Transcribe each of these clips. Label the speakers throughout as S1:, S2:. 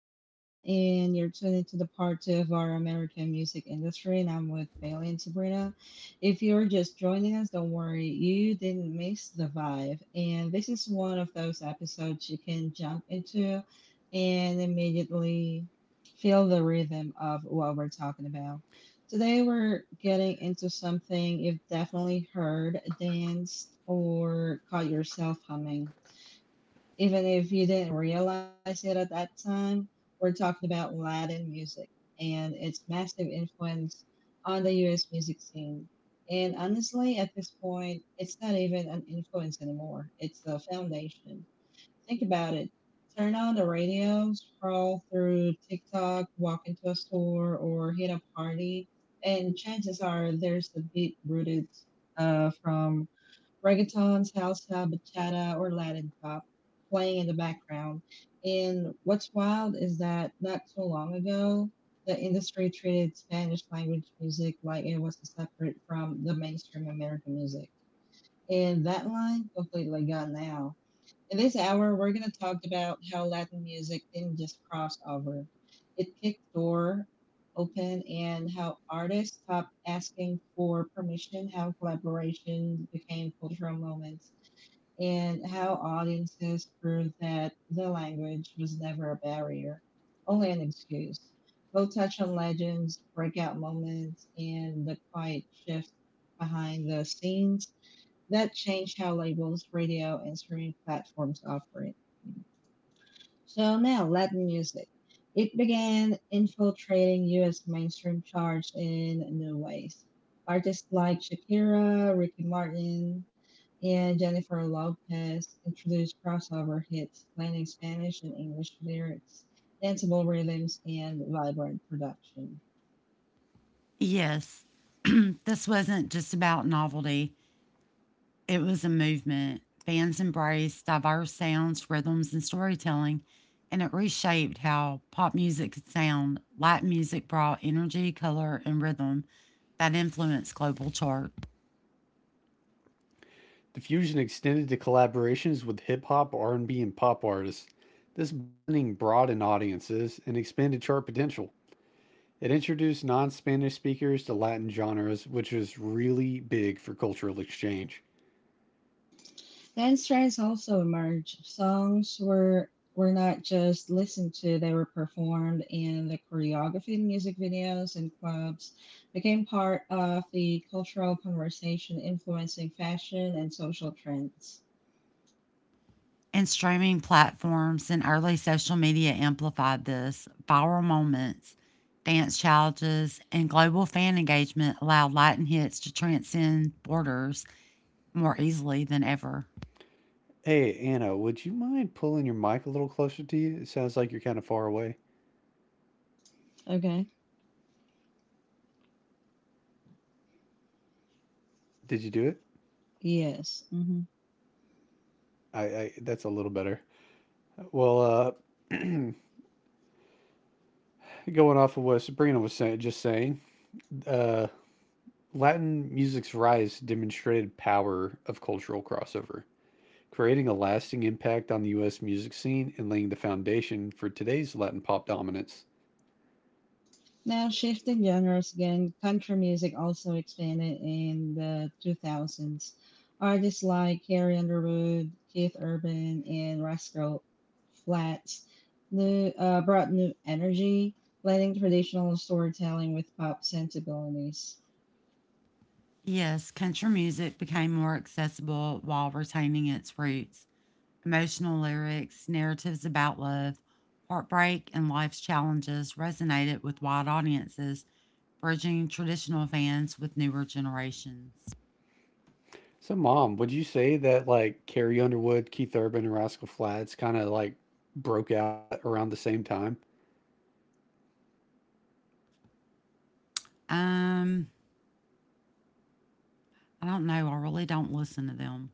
S1: I'm Anna, and you're tuning to the part 2 of our American music industry, and I'm with Bailey and Sabrina. If you're just joining us, don't worry, you didn't miss the vibe. And this is one of those episodes you can jump into and immediately feel the rhythm of what we're talking about. Today, we're getting into something you've definitely heard, danced, or caught yourself humming even if you didn't realize it at that time. We're talking about Latin music and its massive influence on the US music scene. And honestly, at this point, it's not even an influence anymore, it's a foundation. Think about it, turn on the radio, scroll through TikTok, walk into a store, or hit a party, and chances are there's a beat rooted from reggaeton, salsa, bachata, or Latin pop playing in the background. And what's wild is that not too long ago, the industry treated Spanish language music like it was separate from the mainstream American music. And that line completely gone now. In this hour, we're going to talk about how Latin music didn't just cross over. It kicked door open, and how artists stopped asking for permission, how collaboration became cultural moments, and how audiences proved that the language was never a barrier, only an excuse. We'll touch on legends, breakout moments, and the quiet shift behind the scenes that changed how labels, radio, and streaming platforms operate. So now, Latin music. It began infiltrating US mainstream charts in new ways. Artists like Shakira, Ricky Martin, and Jennifer Lopez introduced crossover hits, blending Spanish and English lyrics, danceable rhythms, and vibrant production.
S2: Yes. This wasn't just about novelty, it was a movement. Fans embraced diverse sounds, rhythms, and storytelling, and it reshaped how pop music could sound. Latin music brought energy, color, and rhythm that influenced global chart.
S3: Diffusion extended to collaborations with hip hop, R&B, and pop artists. This blending broadened audiences and expanded chart potential. It introduced non-Spanish speakers to Latin genres, which was really big for cultural exchange.
S1: Dance trends also emerged. Songs were not just listened to, they were performed, and the choreography in music videos and clubs became part of the cultural conversation influencing fashion and social trends.
S2: And streaming platforms and early social media amplified this. Viral moments, dance challenges, and global fan engagement allowed Latin hits to transcend borders more easily than ever.
S3: Hey, Anna, would you mind pulling your mic a little closer to you? It sounds like you're kind of far away.
S1: Okay.
S3: Did you do it?
S1: Yes, mm-hmm.
S3: I that's a little better. Well, uh, going off of what Sabrina was saying, uh, Latin music's rise demonstrated power of cultural crossover, creating a lasting impact on the US music scene and laying the foundation for today's Latin pop dominance.
S1: Now, shifting genres again, country music also expanded in the 2000s. Artists like Carrie Underwood, Keith Urban, and Rascal Flatts brought new energy, blending traditional storytelling with pop sensibilities.
S2: Yes, country music became more accessible while retaining its roots. Emotional lyrics, narratives about love, heartbreak, and life's challenges resonated with wide audiences, bridging traditional fans with newer generations.
S3: So mom, would you say that like Carrie Underwood, Keith Urban, and Rascal Flatts kind of like broke out at around the same time?
S2: Um, I don't know. I really don't listen to them.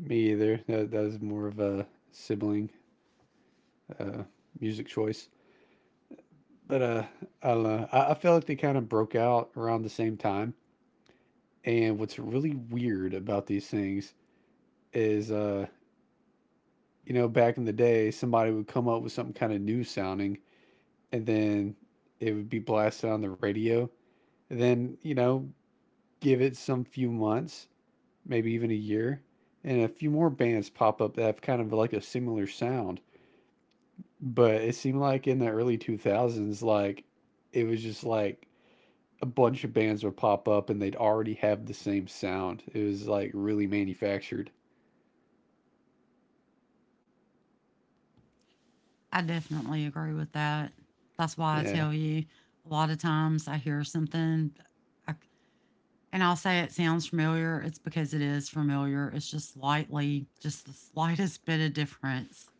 S3: Me either. That was more of a sibling uh, music choice. But I don't know. I feel like they kind of broke out around the same time. And what's really weird about these things is you know, back in the day, somebody would come up with something kind of new sounding and then it would be blasted on the radio. And then, you know, give it some few months, maybe even a year, and a few more bands pop up that have kind of like a similar sound. But it seemed like in the early 2000s, like it was just like a bunch of bands would pop up and they'd already have the same sound. It was like really manufactured.
S2: I definitely agree with that. That's why I
S3: Yeah.
S2: tell you a lot of times I hear something, I And I'll say it sounds familiar. It's because it is familiar. It's just slightly, just the slightest bit of difference.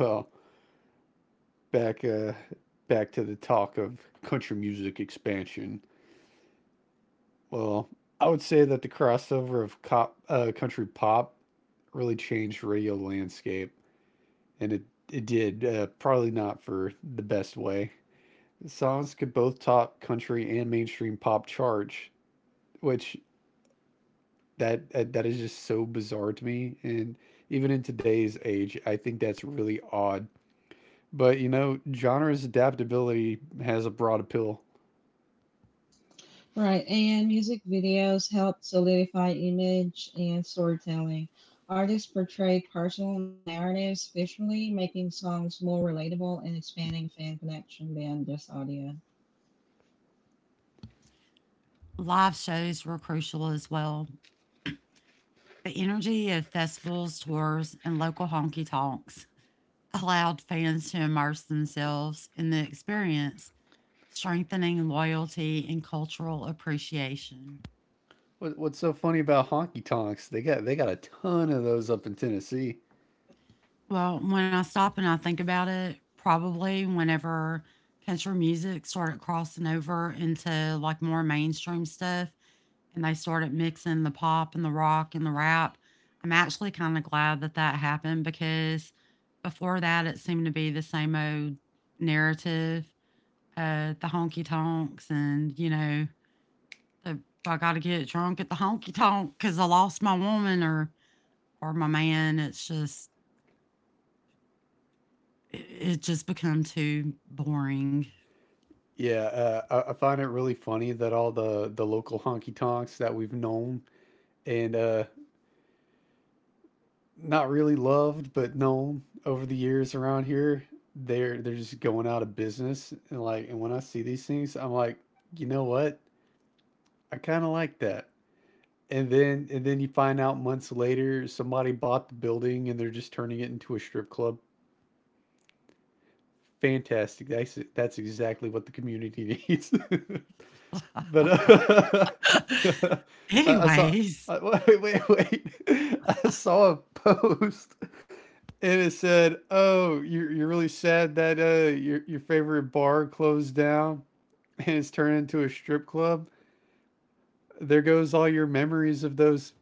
S3: Well, back uh, back to the talk of country music expansion. Well, I would say that the crossover of country pop really changed radio landscape, and it did probably not for the best way. The songs could both top country and mainstream pop charts, which that is just so bizarre to me. And even in today's age, I think that's really odd. But you know, genre's adaptability has a broad appeal.
S1: Right, and music videos help solidify image and storytelling. Artists portray personal narratives visually, making songs more relatable and expanding fan connection beyond just audio.
S2: Live shows were crucial as well. The energy of festivals, tours, and local honky tonks allowed fans to immerse themselves in the experience, strengthening loyalty and cultural appreciation.
S3: What's so funny about honky tonks? They got a ton of those up in Tennessee.
S2: Well, when I stop and I think about it, probably whenever country music started crossing over into like more mainstream stuff, and they started mixing the pop and the rock and the rap. I'm actually kind of glad that that happened because before that, it seemed to be the same old narrative, the honky tonks and, you know, the I got to get drunk at the honky tonk because I lost my woman or my man. It's just, it just become too boring.
S3: Yeah, I find it really funny that all the local honky tonks that we've known and not really loved but known over the years around here, they're just going out of business. And like, and when I see these things, I'm like, you know what? I kind of like that. And then you find out months later somebody bought the building and they're just turning it into a strip club. Fantastic. That's exactly what the community needs. but I, I saw
S2: Anyways.
S3: I, wait. I saw a post and it said, "Oh, you're really sad that your favorite bar closed down and it's turned into a strip club. There goes all your memories of those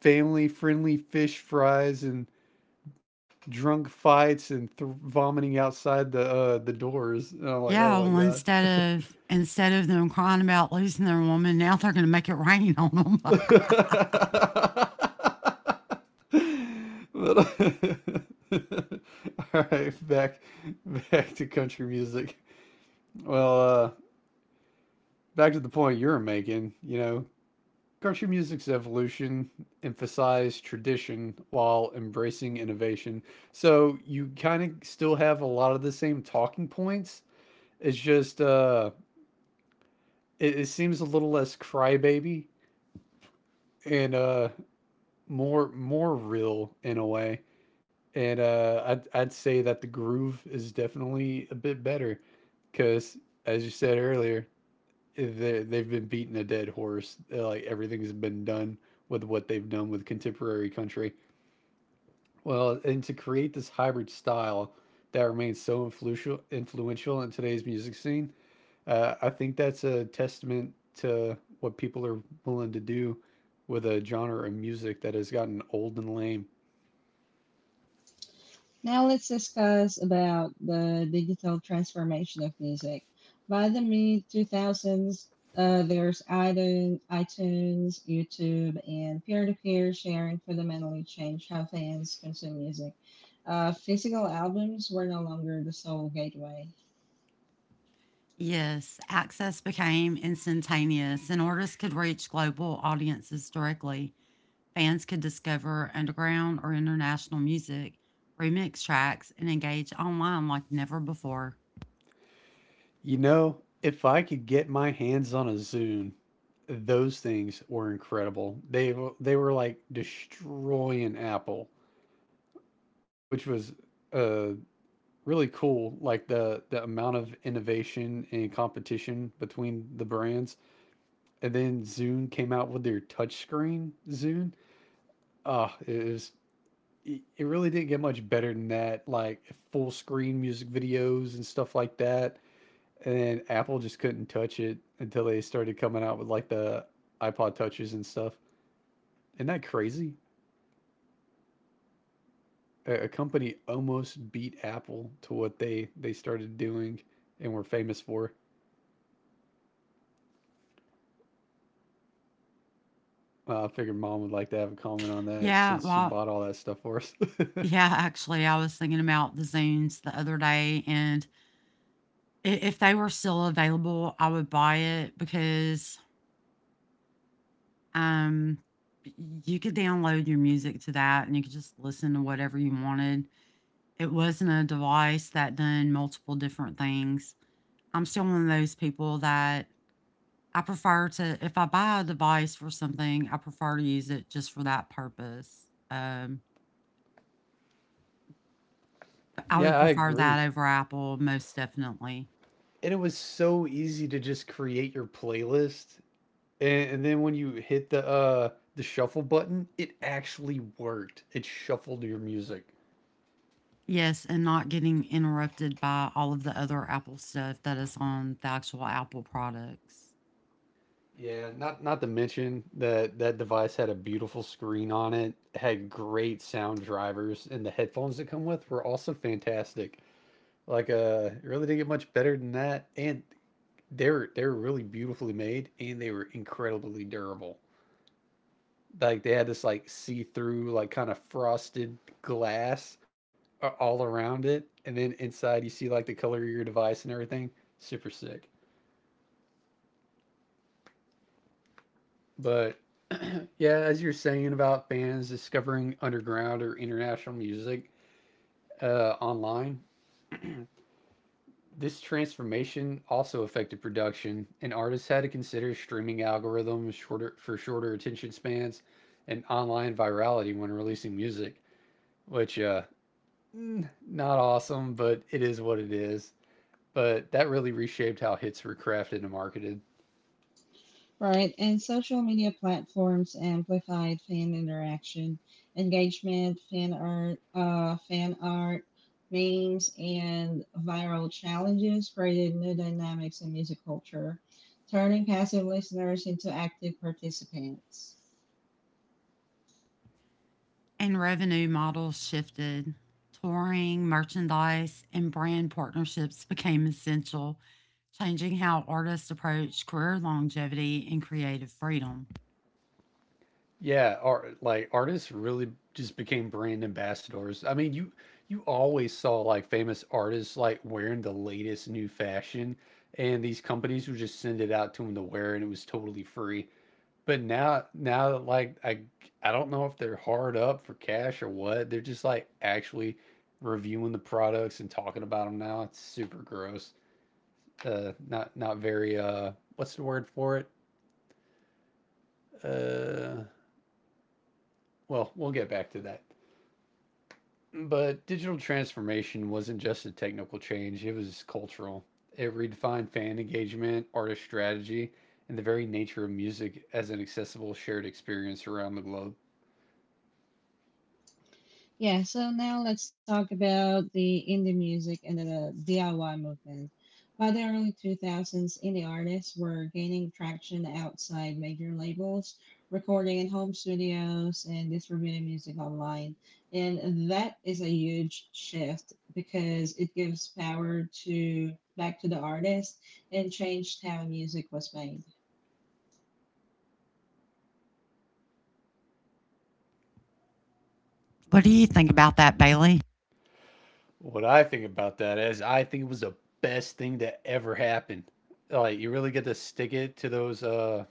S3: family-friendly fish fries and drunk fights and vomiting outside the doors." And I'm like,
S2: Yeah,
S3: "Oh my
S2: well,
S3: god."
S2: instead of them crying about losing their woman, now they're going to make it rain on them.
S3: but, all right, back to country music. Well, back to the point you were making. You know, country music's evolution emphasized tradition while embracing innovation. So you kind of still have a lot of the same talking points. It's just it seems a little less crybaby and more real in a way. And I'd say that the groove is definitely a bit better, because as you said earlier, they've been beating a dead horse. Like everything's been done with what they've done with contemporary country. Well, and to create this hybrid style that remains so influential in today's music scene, I think that's a testament to what people are willing to do with a genre of music that has gotten old and lame.
S1: Now let's discuss about the digital transformation of music. By the mid 2000s, there's iTunes, YouTube, and peer-to-peer sharing fundamentally changed how fans consume music. Physical albums were no longer the sole gateway.
S2: Yes, access became instantaneous, and artists could reach global audiences directly. Fans could discover underground or international music, remix tracks, and engage online like never before.
S3: You know, if I could get my hands on a Zune, those things were incredible. They were like destroying Apple, which was uh really cool. Like the amount of innovation and competition between the brands, and then Zune came out with their touchscreen Zune. Ah, it was. It really didn't get much better than that, like full screen music videos and stuff like that. And Apple just couldn't touch it until they started coming out with like the iPod touches and stuff. Isn't that crazy? A company almost beat Apple to what they started doing and were famous for. I figured mom would like to have a comment on that
S2: Yeah,
S3: since she
S2: well,
S3: bought all that stuff for us.
S2: yeah, actually, I was thinking about the Zunes the other day, and if they were still available, I would buy it because um, you could download your music to that and you could just listen to whatever you wanted. It wasn't a device that done multiple different things. I'm still one of those people that I prefer to, if I buy a device for something, I prefer to use it just for that purpose. But I would
S3: yeah, I
S2: prefer
S3: agree.
S2: that over Apple most definitely.
S3: And it was so easy to just create your playlist, and then when you hit the shuffle button, it actually worked. It shuffled your music.
S2: Yes, and not getting interrupted by all of the other Apple stuff that is on the actual Apple products.
S3: Yeah, not to mention that that device had a beautiful screen on it, had great sound drivers, and the headphones that come with were also fantastic. Like it really didn't get much better than that. And they're really beautifully made and they were incredibly durable. Like they had this like see-through, like kind of frosted glass all around it, and then inside you see like the color of your device and everything. Super sick. But yeah, as you're saying about bands discovering underground or international music online, this transformation also affected production, and artists had to consider streaming algorithms shorter attention spans and online virality when releasing music, which not awesome, but it is what it is. But that really reshaped how hits were crafted and marketed.
S1: Right, and social media platforms amplified fan interaction, engagement, fan art, memes, and viral challenges created new dynamics in music culture, turning passive listeners into active participants.
S2: And revenue models shifted. Touring, merchandise, and brand partnerships became essential, changing how artists approach career longevity and creative freedom.
S3: Yeah, artists really just became brand ambassadors. I mean, you always saw like famous artists like wearing the latest new fashion, and these companies would just send it out to them to wear, and it was totally free. But now, I don't know if they're hard up for cash or what. They're just like actually reviewing the products and talking about them now. It's super gross. Not very what's the word for it? Uh, well, we'll get back to that. But digital transformation wasn't just a technical change, it was cultural. It redefined fan engagement, artist strategy, and the very nature of music as an accessible shared experience around the globe.
S1: Yeah, so now let's talk about the indie music and the DIY movement. By the early 2000s, indie artists were gaining traction outside major labels, recording in home studios and distributing music online. And that is a huge shift because it gives power to back to the artist and changed how music was made.
S2: What do you think about that, Bailey?
S3: What I think about that is, I think it was the best thing that ever happened. Like, you really get to stick it to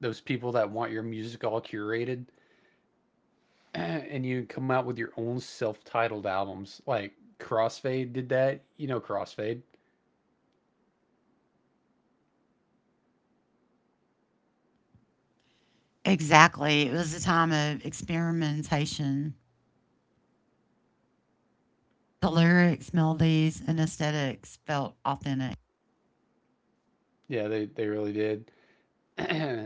S3: those people that want your music all curated, and you come out with your own self titled albums. Like, Crossfade did that. You know, Crossfade.
S2: Exactly. It was a time of experimentation. The lyrics, melodies, and aesthetics felt authentic.
S3: Yeah, they really did.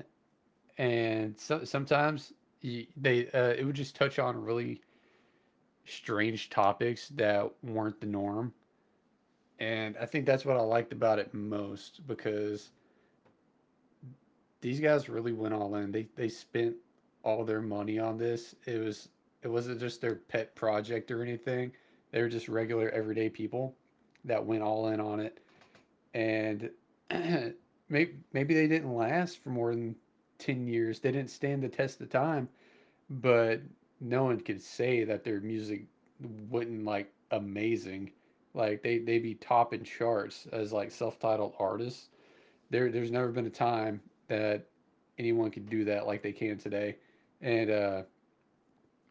S3: And so, sometimes y they it would just touch on really strange topics that weren't the norm, and I think that's what I liked about it most, because these guys really went all in. They spent all their money on this. It wasn't just their pet project or anything. They were just regular everyday people that went all in on it. And maybe they didn't last for more than 10 years, they didn't stand the test of time, but no one could say that their music would not like amazing. Like they be topping charts as like self-titled artists. There's never been a time that anyone could do that like they can today, and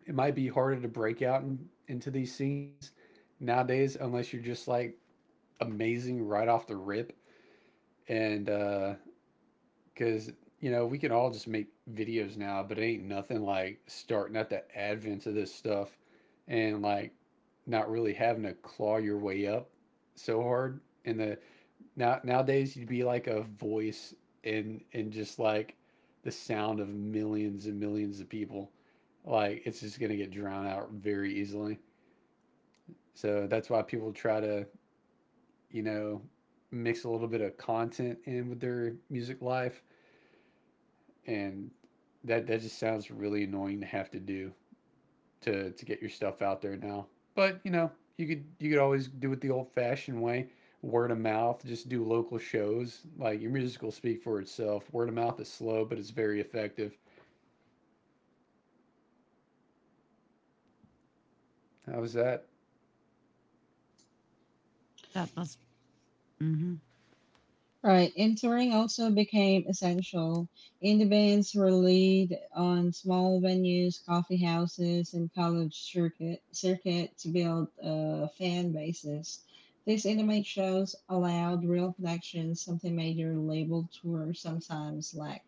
S3: it might be harder to break into these scenes nowadays unless you're just like amazing right off the rip. And uh, Because, you know, we can all just make videos now, but it ain't nothing like starting at the advent of this stuff and like not really having to claw your way up so hard. And the now Nowadays you'd be like a voice and just like the sound of millions and millions of people. Like it's just gonna get drowned out very easily. So that's why people try to, you know, mix a little bit of content in with their music life, and that just sounds really annoying to have to do to get your stuff out there now. But you know, you could always do it the old fashioned way, word of mouth. Just do local shows. Like your music will speak for itself. Word of mouth is slow, but it's very effective. How was that?
S2: That was, mm-hmm.
S1: Right, and touring also became essential. Indie bands relied on small venues, coffee houses, and college circuit to build fan bases. These intimate shows allowed real connections, something major label tours sometimes lack.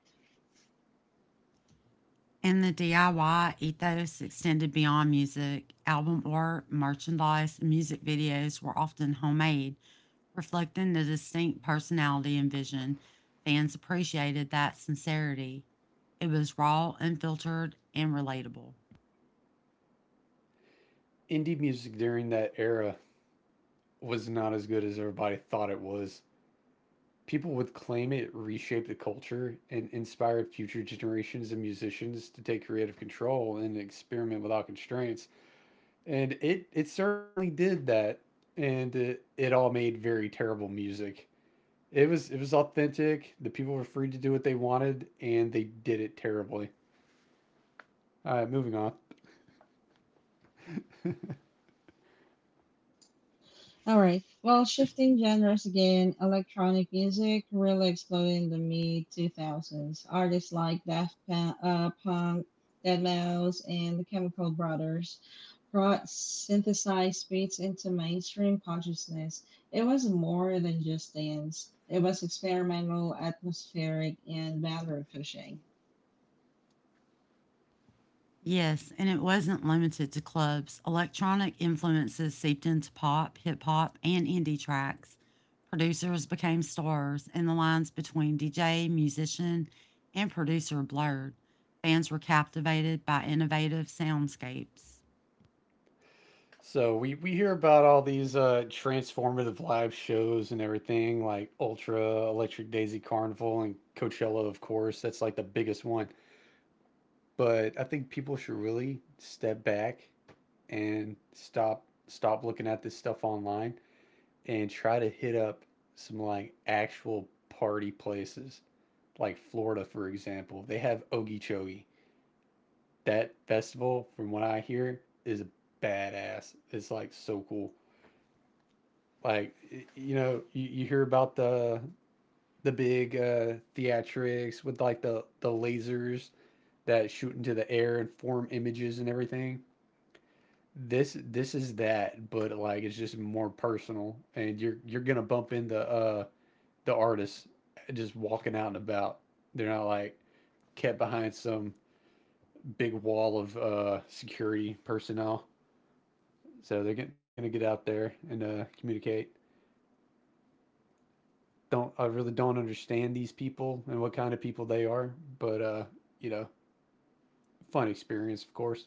S2: And the DIY ethos extended beyond music. Album art, merchandise, and music videos were often homemade, reflecting the distinct personality and vision. Fans appreciated that sincerity. It was raw, unfiltered, and relatable.
S3: Indie music during that era was not as good as everybody thought it was. People would claim it reshaped the culture and inspired future generations of musicians to take creative control and experiment without constraints, and it certainly did that, and it all made very terrible music. It was authentic. The people were free to do what they wanted, and they did it terribly. All right, moving on.
S1: All right. Well, shifting genres again, electronic music really exploded in the mid 2000s. Artists like Daft Punk, deadmau5, and the Chemical Brothers brought synthesized beats into mainstream consciousness. It was more than just dance. It was experimental, atmospheric, and boundary pushing.
S2: Yes, and it wasn't limited to clubs. Electronic influences seeped into pop, hip hop, and indie tracks. Producers became stars, and the lines between DJ, musician, and producer blurred. Fans were captivated by innovative soundscapes.
S3: So we hear about all these transformative live shows and everything, like Ultra, Electric Daisy Carnival, and Coachella, of course. That's like the biggest one. But I think people should really step back and stop looking at this stuff online and try to hit up some like actual party places, like Florida, for example. They have Okeechobee. That festival, from what I hear, is badass. It's like so cool. Like you hear about the big theatrics with like the lasers that shoot into the air and form images and everything. This is that, but like it's just more personal, and you're gonna bump into the artists just walking out and about. They're not like kept behind some big wall of security personnel. So they're gonna get out there and communicate. Don't I really don't understand these people and what kind of people they are, but you know, fun experience, of course.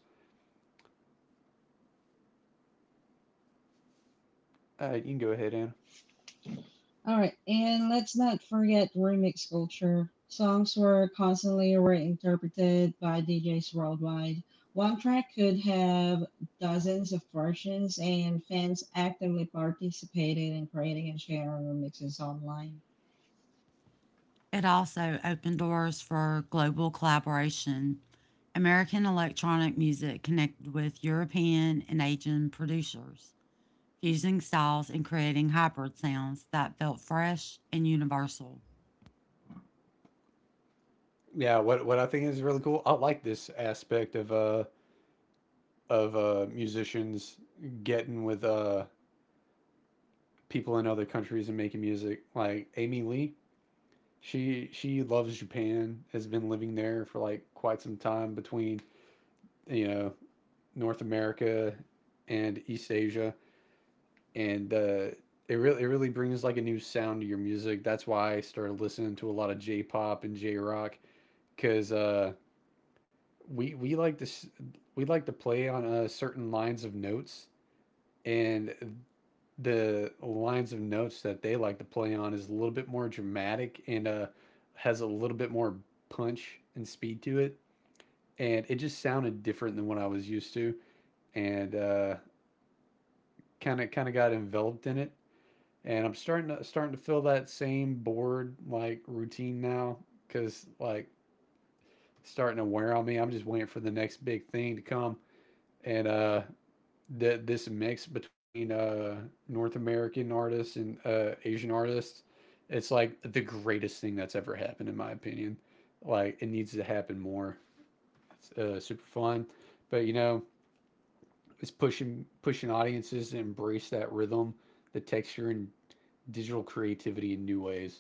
S3: You can go ahead, Anna.
S1: All right, and let's not forget remix culture. Songs were constantly reinterpreted by DJs worldwide. One track could have dozens of versions, and fans actively participated in creating and sharing remixes online.
S2: It also opened doors for global collaboration. American electronic music connected with European and Asian producers, fusing styles and creating hybrid sounds that felt fresh and universal.
S3: Yeah, what I think is really cool. I like this aspect of musicians getting with people in other countries and making music. Like Amy Lee, she loves Japan. Has been living there for like quite some time between you know North America and East Asia, and it really brings like a new sound to your music. That's why I started listening to a lot of J-pop and J-rock because we we like to we like to play on certain lines of notes, and the lines of notes that they like to play on is a little bit more dramatic and has a little bit more punch and speed to it. And it just sounded different than what I was used to, and kind of got enveloped in it. And I'm starting to feel that same bored like routine now, cause like starting to wear on me. I'm just waiting for the next big thing to come. And this mix between North American artists and Asian artists, it's like the greatest thing that's ever happened, in my opinion. Like it needs to happen more. It's super fun, but is pushing audiences to embrace that rhythm, the texture, and digital creativity in new ways.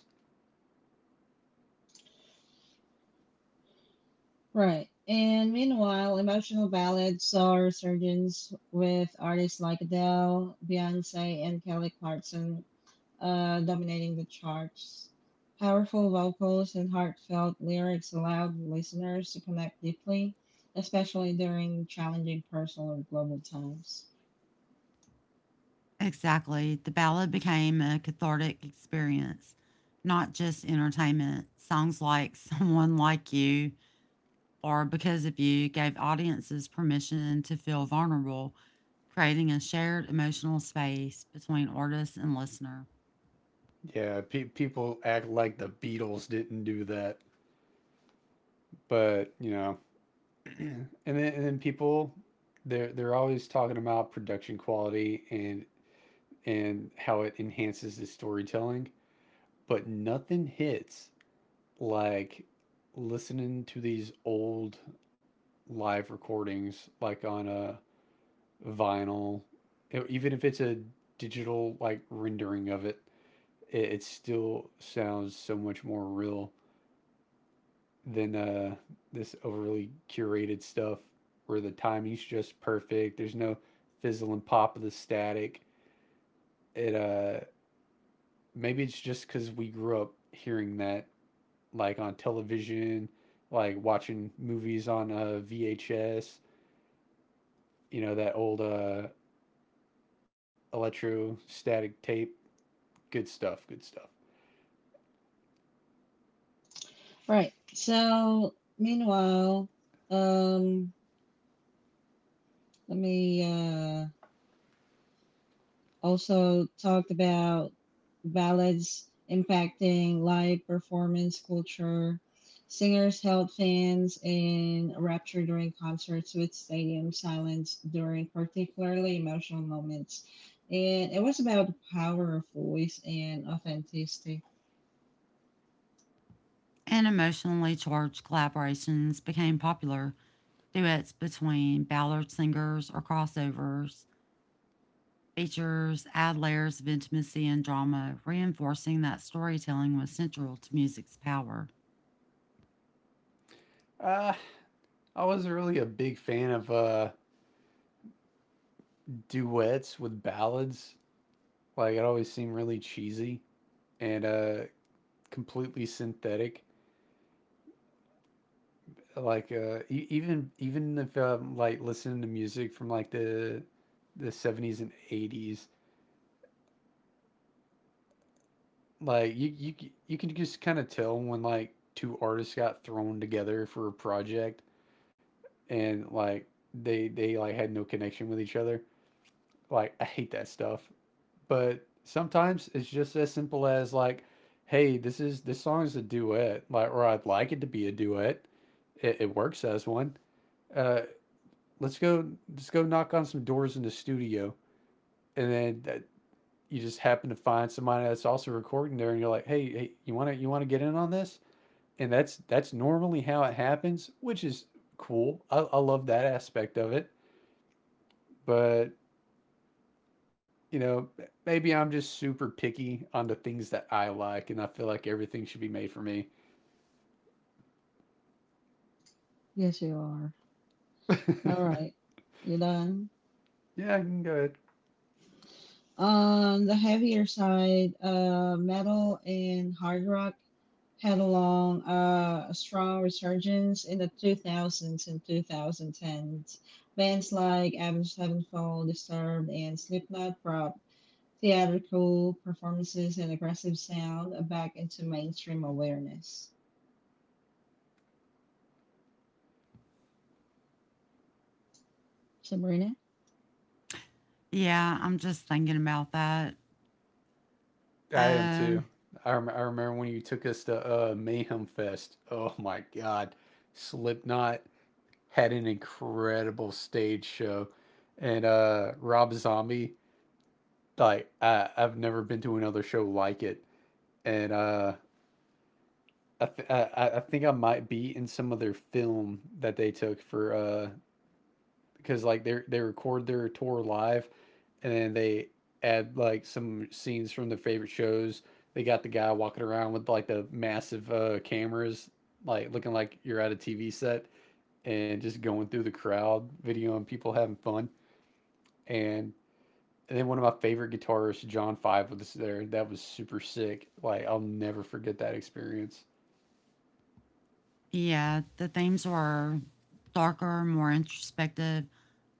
S1: Right, and meanwhile, emotional ballads saw a resurgence with artists like Adele, Beyonce, and Kelly Clarkson dominating the charts. Powerful vocals and heartfelt lyrics allowed listeners to connect deeply, especially during challenging personal and global times.
S2: Exactly, the ballad became a cathartic experience, not just entertainment. Songs like Someone Like You or Because of You gave audiences permission to feel vulnerable, creating a shared emotional space between artist and listener.
S3: Yeah, people act like the Beatles didn't do that, but and then people, they're always talking about production quality and how it enhances the storytelling, but nothing hits like listening to these old live recordings, like on a vinyl, even if it's a digital like rendering of it, it still sounds so much more real than this overly curated stuff where the timing's just perfect. There's no fizzle and pop of the static. It Maybe it's just because we grew up hearing that like on television, like watching movies on VHS. You know that old electrostatic tape. Good stuff. Good stuff.
S1: Right. So, meanwhile, um, let me Also talked about ballads impacting live performance culture. Singers held fans in rapture during concerts with stadium silence during particularly emotional moments. And it was about the power of voice and authenticity.
S2: And emotionally charged collaborations became popular, duets between ballad singers or crossovers, features add layers of intimacy and drama, reinforcing that storytelling was central to music's power.
S3: Ah, I wasn't really a big fan of duets with ballads. Like it always seemed really cheesy and completely synthetic. Like e- even even if like listening to music from like the seventies and eighties, like you can just kind of tell when like two artists got thrown together for a project and like they like had no connection with each other. Like I hate that stuff. But sometimes it's just as simple as like, hey, this song is a duet, like, or I'd like it to be a duet. It works as one. Uh, let's go, just go knock on some doors in the studio, and then that, you just happen to find somebody that's also recording there, and you're like, hey, you want to get in on this? And that's normally how it happens, which is cool. I love that aspect of it, but you know, maybe I'm just super picky on the things that I like, and I feel like everything should be made for me.
S1: Yes, you are. All
S3: Yeah,
S1: right. You done?
S3: you can go ahead.
S1: On the heavier side, metal and hard rock had a a strong resurgence in the 2000s and 2010s. Bands like Avenged Sevenfold, Disturbed, and Slipknot brought theatrical performances and aggressive sound back into mainstream awareness. Sabrina?
S2: Yeah, I'm just thinking about that.
S3: I am too.
S2: Um,
S3: I remember when you took us to Mayhem Fest. Oh my God. Slipknot had an incredible stage show. And Rob Zombie, like, I've never been to another show like it. And I think I might be in some other film that they took for because like they record their tour live, and then they add like some scenes from their favorite shows. They got the guy walking around with like the massive cameras, like looking like you're at a TV set, and just going through the crowd, videoing people having fun. And, and then one of my favorite guitarists, John Five, was there. That was super sick. Like I'll never forget that experience.
S2: yeah, the themes were darker, more introspective,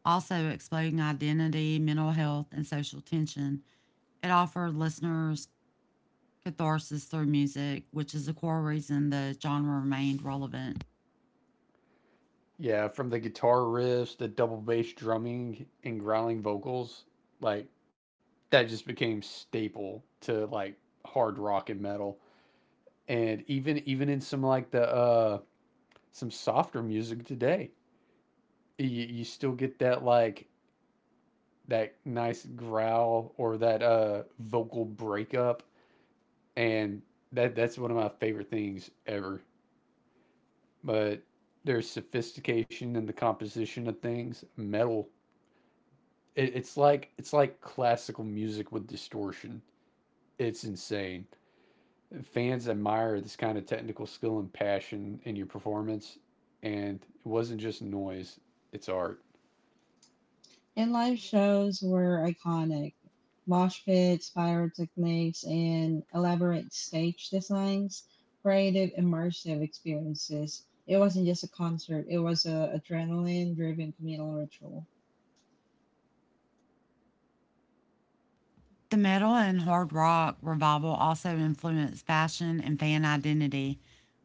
S2: also exploring identity, mental health, and social tension. It offered listeners catharsis through music, which is the core reason the genre remained relevant.
S3: Yeah, from the guitar riffs, the double bass drumming, and growling vocals, like that just became staple to like hard rock and metal, and even in some like the some softer music today, you still get that like that nice growl or that vocal breakup, and that's one of my favorite things ever. But there's sophistication in the composition of things metal. It's like classical music with distortion. It's insane. Fans admire this kind of technical skill and passion in your performance. And it wasn't just noise, it's art.
S1: And live shows were iconic. Mosh pits, pyrotechnics, and elaborate stage designs created immersive experiences. It wasn't just a concert, it was an adrenaline driven communal ritual.
S2: The metal and hard rock revival also influenced fashion and fan identity.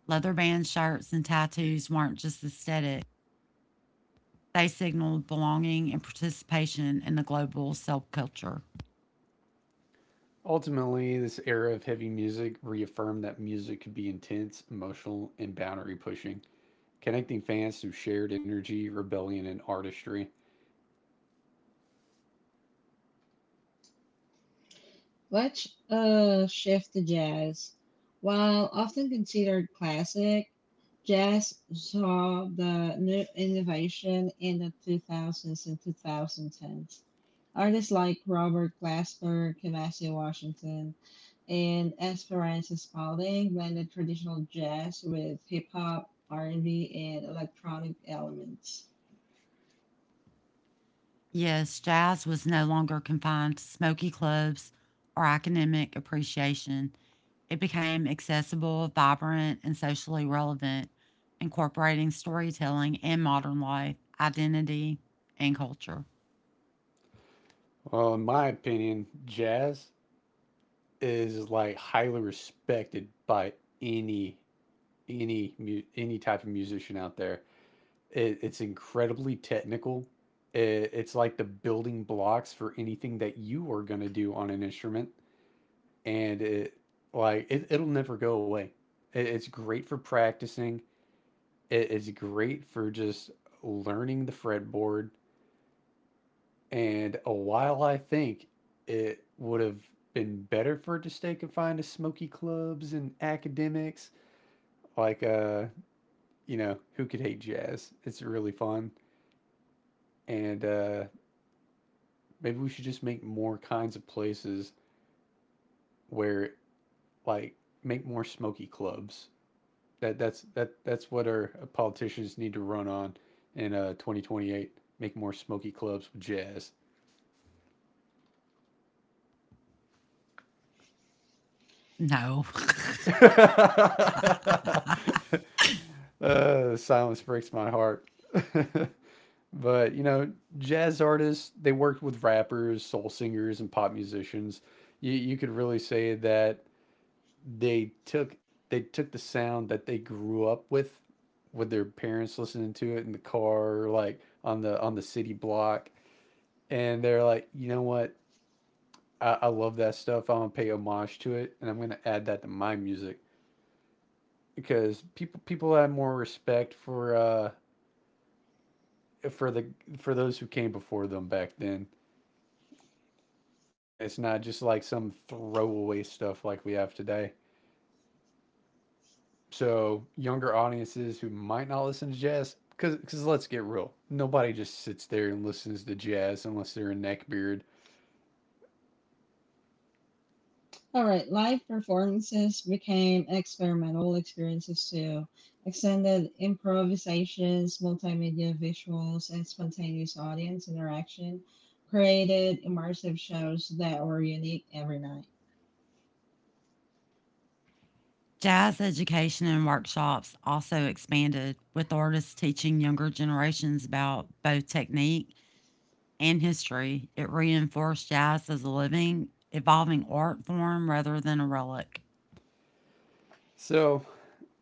S2: Leather band shirts and tattoos weren't just aesthetic, they signaled belonging and participation in the global subculture.
S3: Ultimately, this era of heavy music reaffirmed that music could be intense, emotional, and boundary pushing, connecting fans through shared energy, rebellion, and artistry.
S1: Let's shift to jazz. While often considered classic, jazz saw the new innovation in the 2000s and 2010s. Artists like Robert Glasper, Kamasi Washington, and Esperanza Spalding blended traditional jazz with hip hop, R&B, and B, and electronic elements.
S2: Yes, jazz was no longer confined to smoky clubs or academic appreciation. It became accessible, vibrant, and socially relevant, incorporating storytelling and modern life, identity, and culture.
S3: Well, in my opinion, jazz is like highly respected by any any any type of musician out there. It's incredibly technical. It's like the building blocks for anything that you are going to do on an instrument. And it'll never go away. It's great for practicing. It is great for just learning the fretboard. And a while I think it would have been better for it to stay confined to smoky clubs and academics, like who could hate jazz? It's really fun. And maybe we should just make more kinds of places where like make more smoky clubs. That's what our politicians need to run on in 2028. Make more smoky clubs with jazz.
S2: No.
S3: uh, the silence breaks my heart. But jazz artists, they worked with rappers, soul singers, and pop musicians. You could really say that they took they took the sound that they grew up with their parents listening to it in the car, or like on the city block, and they're like, you know what, I love that stuff, I'm gonna pay homage to it, and I'm gonna add that to my music. Because people had more respect for the for those who came before them back then, and it's not just like some throwaway stuff like we have today. So younger audiences who might not listen to jazz, because let's get real, nobody just sits there and listens to jazz unless they're a neckbeard.
S1: All right, live performances became experimental experiences too. Extended improvisations, multimedia visuals, and spontaneous audience interaction created immersive shows that were unique every night.
S2: Jazz education and workshops also expanded, with artists teaching younger generations about both technique and history. It reinforced jazz as a living, evolving art form rather than a relic.
S3: So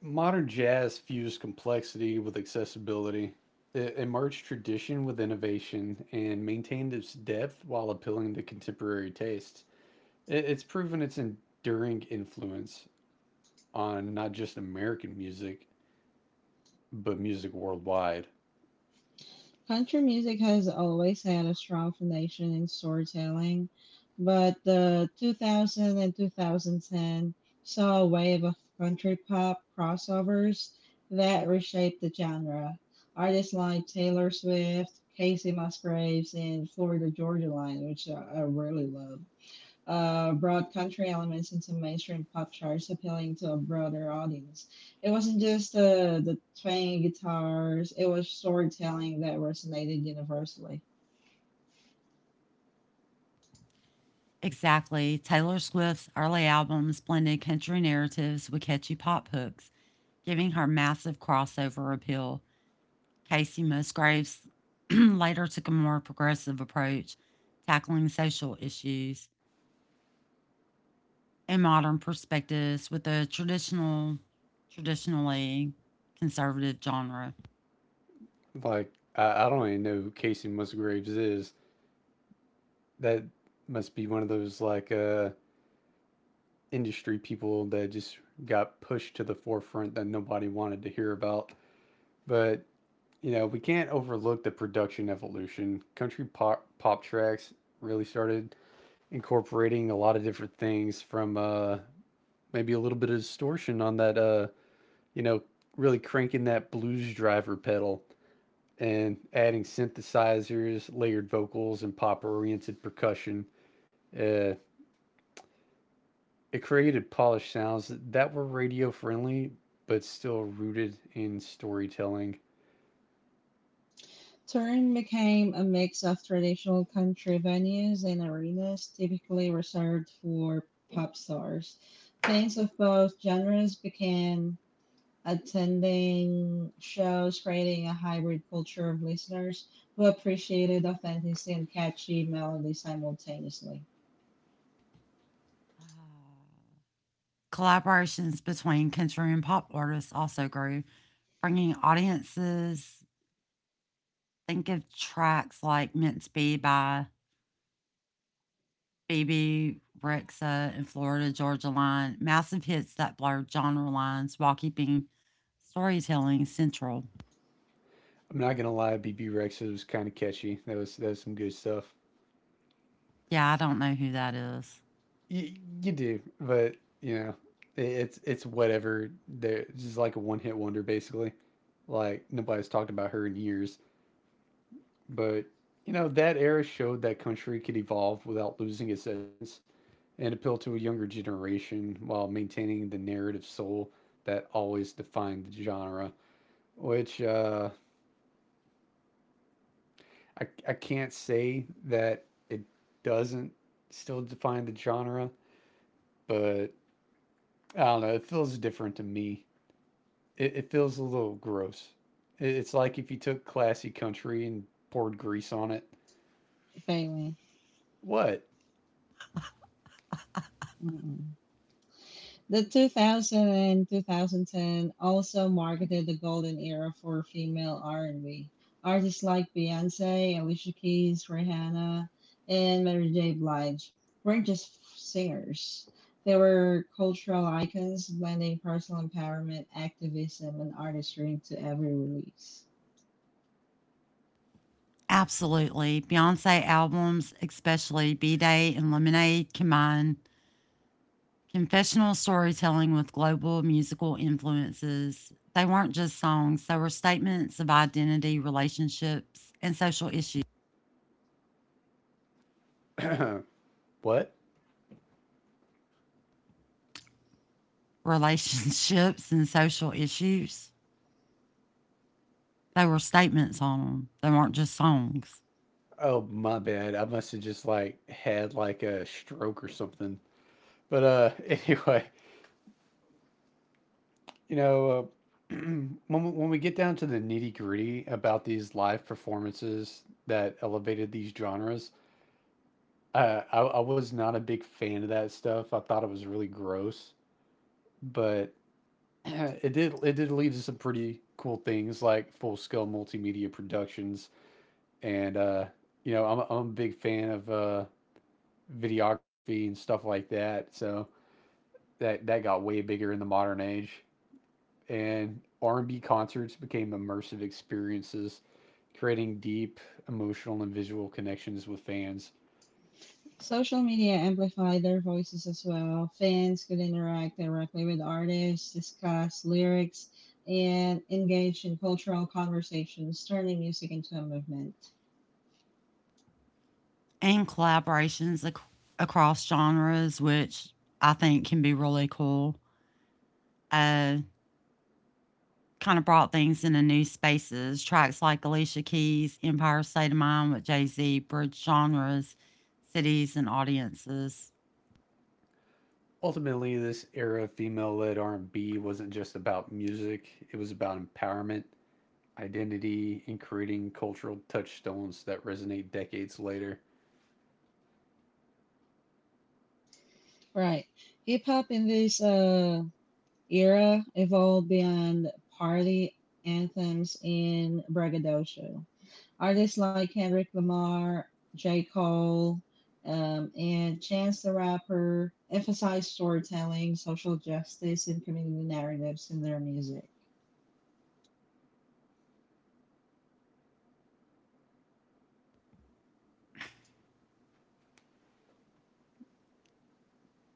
S3: modern jazz fused complexity with accessibility. It merged tradition with innovation and maintained its depth while appealing to contemporary tastes. It's proven its enduring influence on not just American music, but music worldwide.
S1: Country music has always had a strong foundation in storytelling, but the 2000 and 2010 saw a wave of country pop crossovers that reshaped the genre. Artists like Taylor Swift, Casey Musgraves, and Florida Georgia Line, which I really love, brought country elements into mainstream pop charts, appealing to a broader audience. It wasn't just the twanging guitars, it was storytelling that resonated universally.
S2: Exactly. Taylor Swift's early albums blended country narratives with catchy pop hooks, giving her massive crossover appeal. Casey Musgraves later took a more progressive approach, tackling social issues and modern perspectives with a traditionally conservative genre.
S3: Like I don't even know who Casey Musgraves is. That must be one of those like industry people that just got pushed to the forefront that nobody wanted to hear about. But you know, we can't overlook the production evolution. Country pop tracks really started incorporating a lot of different things, from maybe a little bit of distortion on that you know, really cranking that blues driver pedal, and adding synthesizers, layered vocals, and pop oriented percussion. Uh It created polished sounds that were radio friendly, but still rooted in storytelling.
S1: Turin became a mix of traditional country venues and arenas typically reserved for pop stars. Fans of both genres began attending shows, creating a hybrid culture of listeners who appreciated authenticity and catchy melody simultaneously.
S2: Collaborations between country and pop artists also grew, bringing audiences. Think of tracks like Meant to Be by BB, Rexa, and Florida Georgia Line, massive hits that blurred genre lines while keeping storytelling central.
S3: I'm not gonna lie, BB Rex was kind of catchy. That was some good stuff.
S2: Yeah, I don't know who that is.
S3: You, you do, but you know, it's whatever. They're just like a one hit wonder, basically. Like nobody's talked about her in years, but you know that era showed that country could evolve without losing its essence, and appeal to a younger generation while maintaining the narrative soul that always defined the genre. Which I can't say that it doesn't still define the genre, but I don't know. It feels different to me. It feels a little gross. It's like if you took classy country and poured grease on it.
S1: Very
S3: What?
S1: well. The 2000 and 2010 also marketed the golden era for female R&B. Artists like Beyoncé, Alicia Keys, Rihanna, and Mary J. Blige weren't just singers. They were cultural icons blending personal empowerment, activism, and artistry into every release.
S2: Absolutely. Beyonce albums, especially B Day and Lemonade, combine confessional storytelling with global musical influences. They weren't just songs, they were statements of identity, relationships, and social issues.
S3: What?
S2: Relationships and social issues. They were statements on them. They weren't just songs.
S3: Oh, my bad. I must have just like had like a stroke or something. But anyway, You know, when we get down to the nitty gritty about these live performances that elevated these genres, I was not a big fan of that stuff. I thought it was really gross, but it did lead to some pretty cool things like full scale multimedia productions, and I'm a big fan of videography and stuff like that. So that got way bigger in the modern age. And R&B concerts became immersive experiences, creating deep emotional and visual connections with fans.
S1: Social media amplified their voices as well. Fans could interact directly with artists, discuss lyrics, and engage in cultural conversations, turning music into a movement.
S2: And collaborations across genres, which I think can be really cool. Uh, Kind of brought things into new spaces. Tracks like Alicia Keys, Empire State of Mind with Jay Z bridge genres, cities, and audiences.
S3: Ultimately, this era of female-led R&B wasn't just about music, it was about empowerment, identity, and creating cultural touchstones that resonate decades later.
S1: Right. Hip hop in this era evolved beyond party anthems and braggadocio. Artists like Kendrick Lamar, J. Cole, and Chance the Rapper emphasize storytelling, social justice, and community narratives in their music.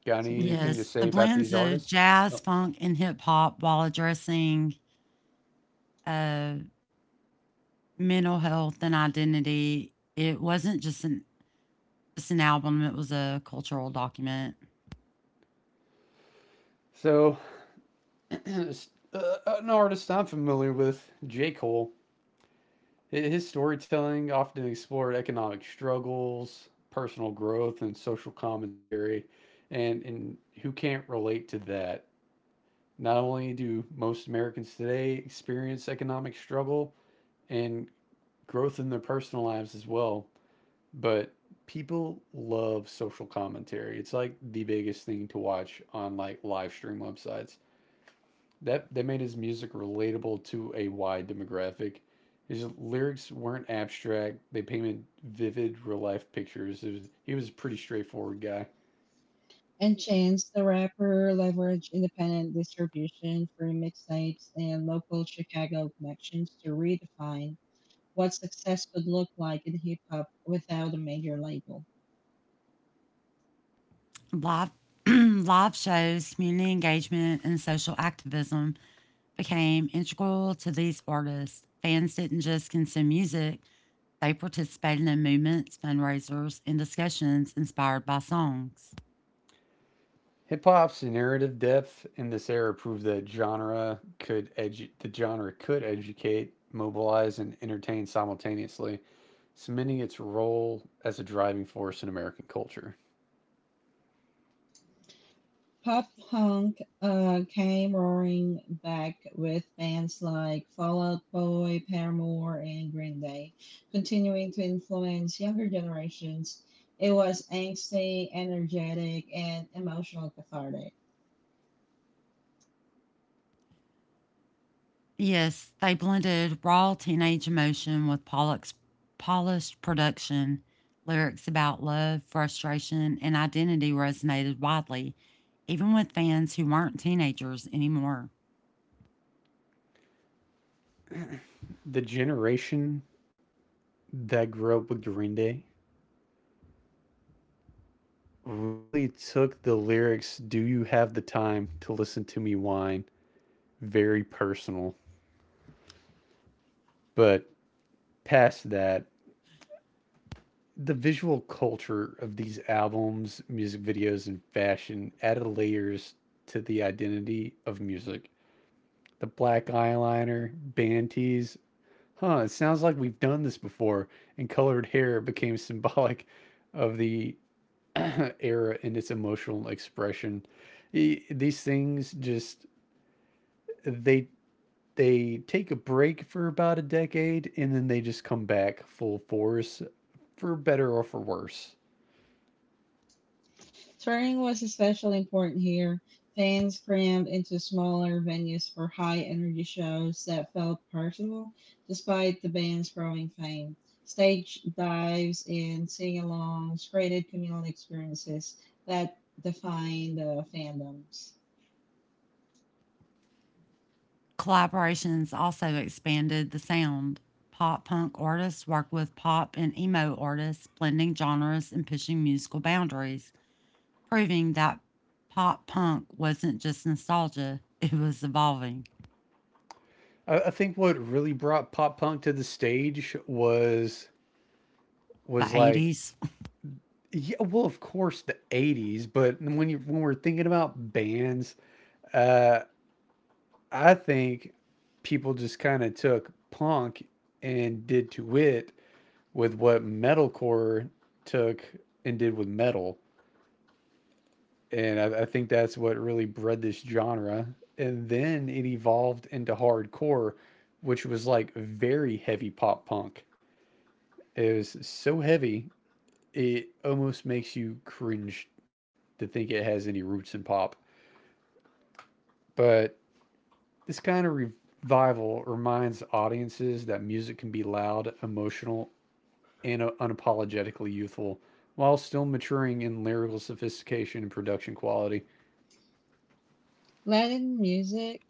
S3: Got anything
S1: Sabrina.
S3: to
S2: Yes, the
S3: say about
S2: blends
S3: these
S2: of
S3: artists?
S2: jazz,
S3: Oh.
S2: funk, and hip hop while addressing, uh, mental health and identity. It wasn't just an album. It was a cultural document.
S3: So, uh, an artist I'm familiar with, J. Cole. His storytelling often explored economic struggles, personal growth, and social commentary. And who can't relate to that? Not only do most Americans today experience economic struggle and growth in their personal lives as well, but people love social commentary. It's like the biggest thing to watch on like live stream websites that made his music relatable to a wide demographic. His lyrics weren't abstract; they painted vivid, real life pictures. It was, he was a pretty straightforward guy.
S1: And Chance the Rapper leverage independent distribution through mixtapes and local Chicago connections to redefine what success could look like in hip hop without a major label.
S2: Live live shows, community engagement, and social activism became integral to these artists. Fans didn't just consume music, they participated in movements, fundraisers, and discussions inspired by songs.
S3: Hip hop's narrative depth in this era proved that genre could edu- the genre could educate, mobilize, and entertain simultaneously, cementing its role as a driving force in American culture.
S1: Pop punk came roaring back with bands like Fall Out Boy, Paramore, and Green Day, continuing to influence younger generations. It was angsty, energetic, and emotional cathartic.
S2: Yes, they blended raw teenage emotion with Pollock's polished production. Lyrics about love, frustration, and identity resonated widely, even with fans who weren't teenagers anymore.
S3: The generation that grew up with Green Day really took the lyrics "Do you have the time to listen to me whine?" very personal. But past that, the visual culture of these albums, music videos, and fashion added layers to the identity of music. The black eyeliner, band tees, huh, it sounds like we've done this before, and colored hair became symbolic of the era and its emotional expression. E- These things just, they they take a break for about a decade and then they just come back full force for better or for worse.
S1: Touring was especially important here. Fans crammed into smaller venues for high energy shows that felt personal despite the band's growing fame. Stage dives and sing alongs created communal experiences that defined fandoms.
S2: Collaborations also expanded the sound. Pop punk artists worked with pop and emo artists, blending genres and pushing musical boundaries, proving that pop punk wasn't just nostalgia, it was evolving.
S3: I think what really brought pop punk to the stage
S2: The
S3: was like
S2: '80s.
S3: yeah, well, of course the '80s, but when you when we're thinking about bands, uh, I think people just kind of took punk and did to it with what metalcore took and did with metal. And I think that's what really bred this genre. And then it evolved into hardcore, which was like very heavy pop punk. It was so heavy, it almost makes you cringe to think it has any roots in pop. But this kind of revival reminds audiences that music can be loud, emotional, and unapologetically youthful while still maturing in lyrical sophistication and production quality.
S1: Latin music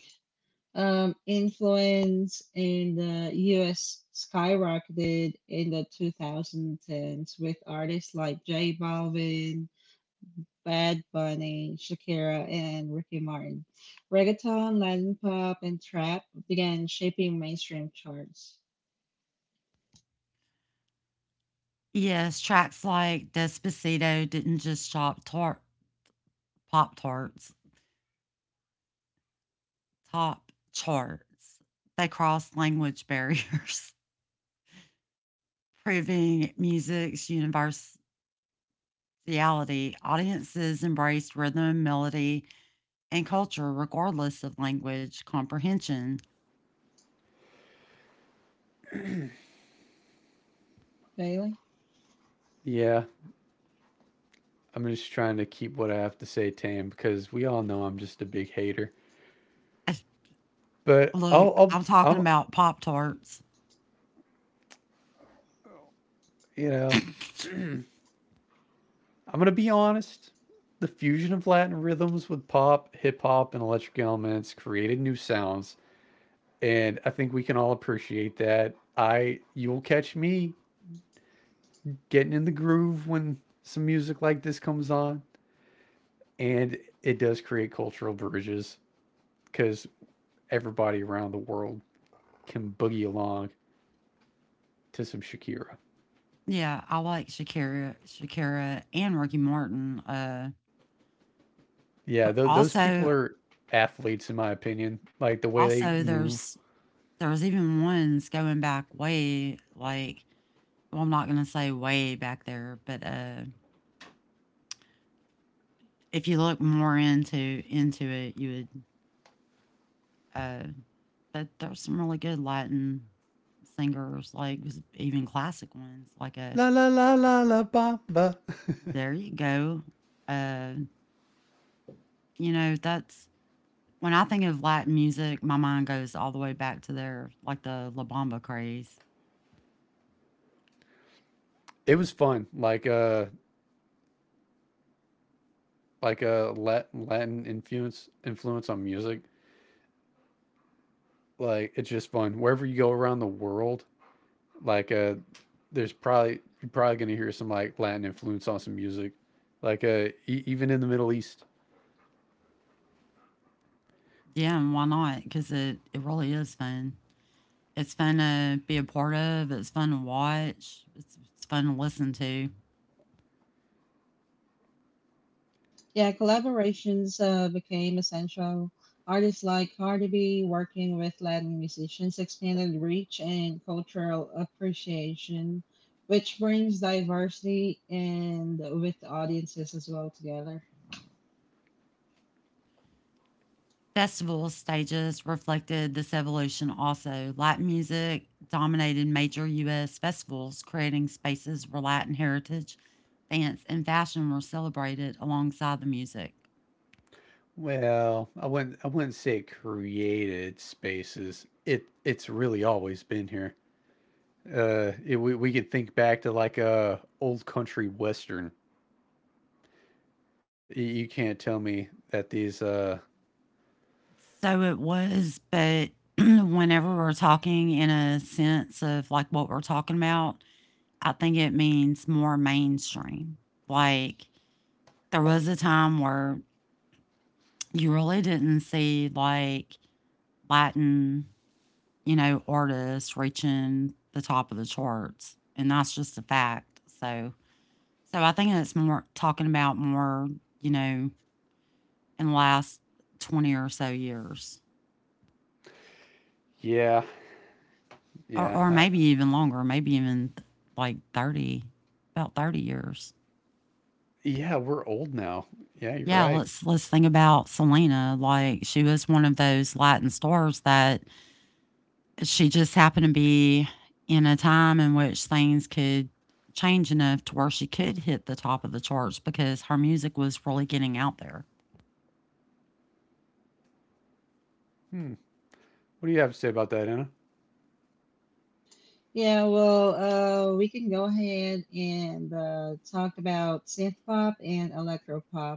S1: influence in the US skyrocketed in the 2010s with artists like J Balvin, Bad Bunny, Shakira, and Ricky Martin. Reggaeton, Latin pop, and trap began shaping mainstream charts.
S2: Yes, tracks like Despacito didn't just pop tarts, top charts. They crossed language barriers, proving music's universality. Audiences embraced rhythm, melody, and culture regardless of language comprehension.
S1: Daily?
S3: Yeah, I'm just trying to keep what I have to say tame because we all know I'm just a big hater.
S2: If-
S3: But
S2: Look, I'm talking
S3: I'm,
S2: about pop tarts.
S3: you know, I'm gonna be honest. The fusion of Latin rhythms with pop, hip hop, and electric elements created new sounds, and I think we can all appreciate that. I, you'll catch me getting in the groove when some music like this comes on, and it does create cultural bridges because everybody around the world can boogie along to some Shakira.
S2: Yeah, I like Shakira, and Ricky Martin. Uh,
S3: Yeah,
S2: but
S3: tho- those people
S2: also,
S3: are athletes, in my opinion. Like the way they
S2: also
S3: move.
S2: there's There was even ones going back way, like, well, I'm not gonna say way back there, but if you look more into it, you would. Uh, but there's some really good Latin singers, like even classic ones. Like a
S3: La la la la la ba ba.
S2: There you go. Uh, that's when I think of Latin music, my mind goes all the way back to their like the La Bamba craze.
S3: It was fun. Like a Lat- Latin influence on music. Like it's just fun. Wherever you go around the world, like there's probably you're probably gonna hear some like Latin influence on some music. Like e- even in the Middle East.
S2: Yeah, and why not? Because it really is fun. It's fun to be a part of. It's fun to watch. It's fun to listen to.
S1: Yeah, collaborations became essential. Artists like Cardi B working with Latin musicians expanded reach and cultural appreciation, which brings diversity and with audiences as well together.
S2: Festival stages reflected this evolution also. Latin music dominated major U.S. festivals, creating spaces where Latin heritage, dance, and fashion were celebrated alongside the music.
S3: Well, I wouldn't say it created spaces. It it's really always been here. It, we can think back to like a old country western. Y- You can't tell me that these.
S2: So it was, but whenever we're talking in a sense of like what we're talking about, I think it means more mainstream. Like there was a time where you really didn't see like Latin, you know, artists reaching the top of the charts. And that's just a fact. So so I think it's more talking about more, you know, in the last 20 or so years.
S3: Yeah, yeah,
S2: Or maybe even longer, maybe even like 30, about 30 years.
S3: yeah. We're old now. Yeah, you're
S2: Yeah,
S3: right.
S2: let's think about Selena. Like she was one of those Latin stars that she just happened to be in a time in which things could change enough to where she could hit the top of the charts because her music was really getting out there.
S3: Hmm. What do you have to say about that,
S1: Yeah, well, we can go ahead and talk about synth pop and electropop.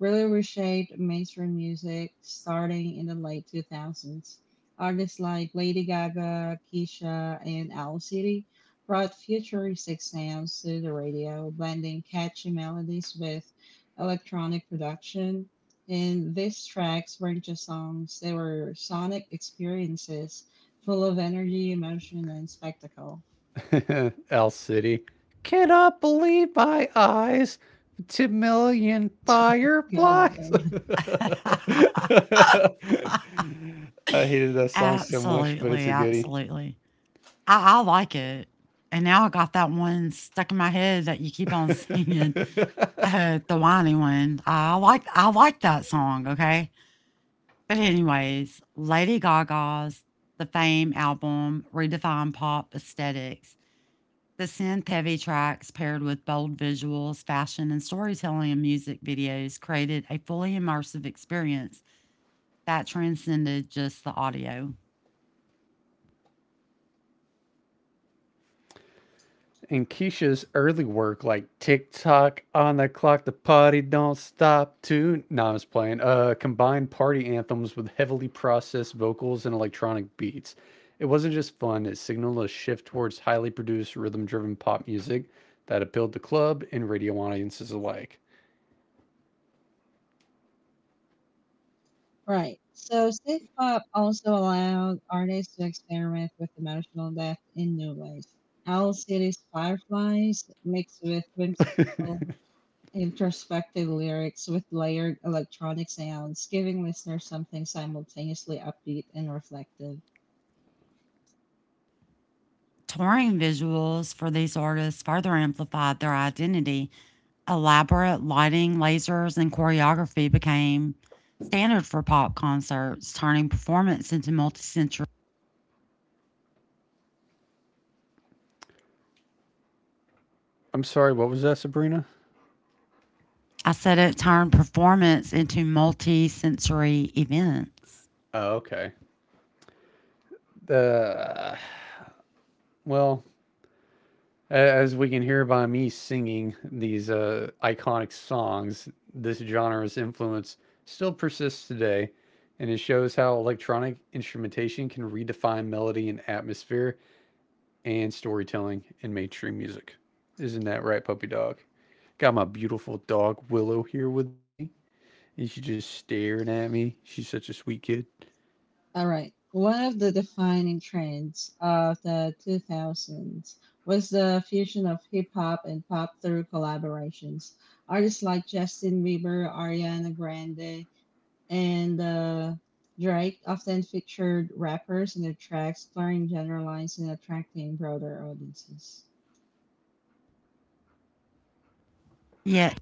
S1: Really reshaped mainstream music starting in the late 2000s. Artists like Lady Gaga, Keisha, and Owl City brought futuristic sounds to the radio, blending catchy melodies with electronic production. And these tracks weren't just songs, they were sonic experiences full of energy, emotion, and spectacle.
S3: Anna? El City. Cannot believe my eyes. To million
S1: Good
S3: fireflies.
S1: thing.
S3: I hated that song so much, but it's
S2: Absolutely,
S3: a goodie.
S2: absolutely. I like it. And now I got that one stuck in my head that you keep on singing, the whiny one. I like that song. Okay, but anyways, Lady Gaga's The Fame album redefined pop aesthetics. The synth heavy tracks paired with bold visuals, fashion, and storytelling in music videos created a fully immersive experience that transcended just the audio.
S3: in Keisha's early work, like tick tock on the clock, the party don't stop to no, I was playing, combined party anthems with heavily processed vocals and electronic beats. It wasn't just fun, it signaled a shift towards highly produced, rhythm driven pop music that appealed to club and radio audiences alike.
S1: Right. So, synth pop also allowed artists to experiment with emotional depth in new ways. Owl City's Fireflies mixed with whimsical, introspective lyrics with layered electronic sounds, giving listeners something simultaneously upbeat and reflective.
S2: Touring visuals for these artists further amplified their identity. Elaborate lighting, lasers, and choreography became standard for pop concerts, turning performance into multi-sensory.
S3: I'm sorry, what was that, Sabrina?
S2: I said it turned performance into multi-sensory events.
S3: Oh, okay. Uh, well, as we can hear by me singing these iconic songs, this genre's influence still persists today, and it shows how electronic instrumentation can redefine melody and atmosphere and storytelling in mainstream music. Isn't that right, puppy dog? Got my beautiful dog Willow here with me, and she's just staring at me. She's such a sweet kid.
S1: All right. One of the defining trends of the 2000s was the fusion of hip hop and pop through collaborations. Artists like Justin Bieber, Ariana Grande, and Drake often featured rappers in their tracks, blurring genre lines and attracting broader audiences.
S2: Yet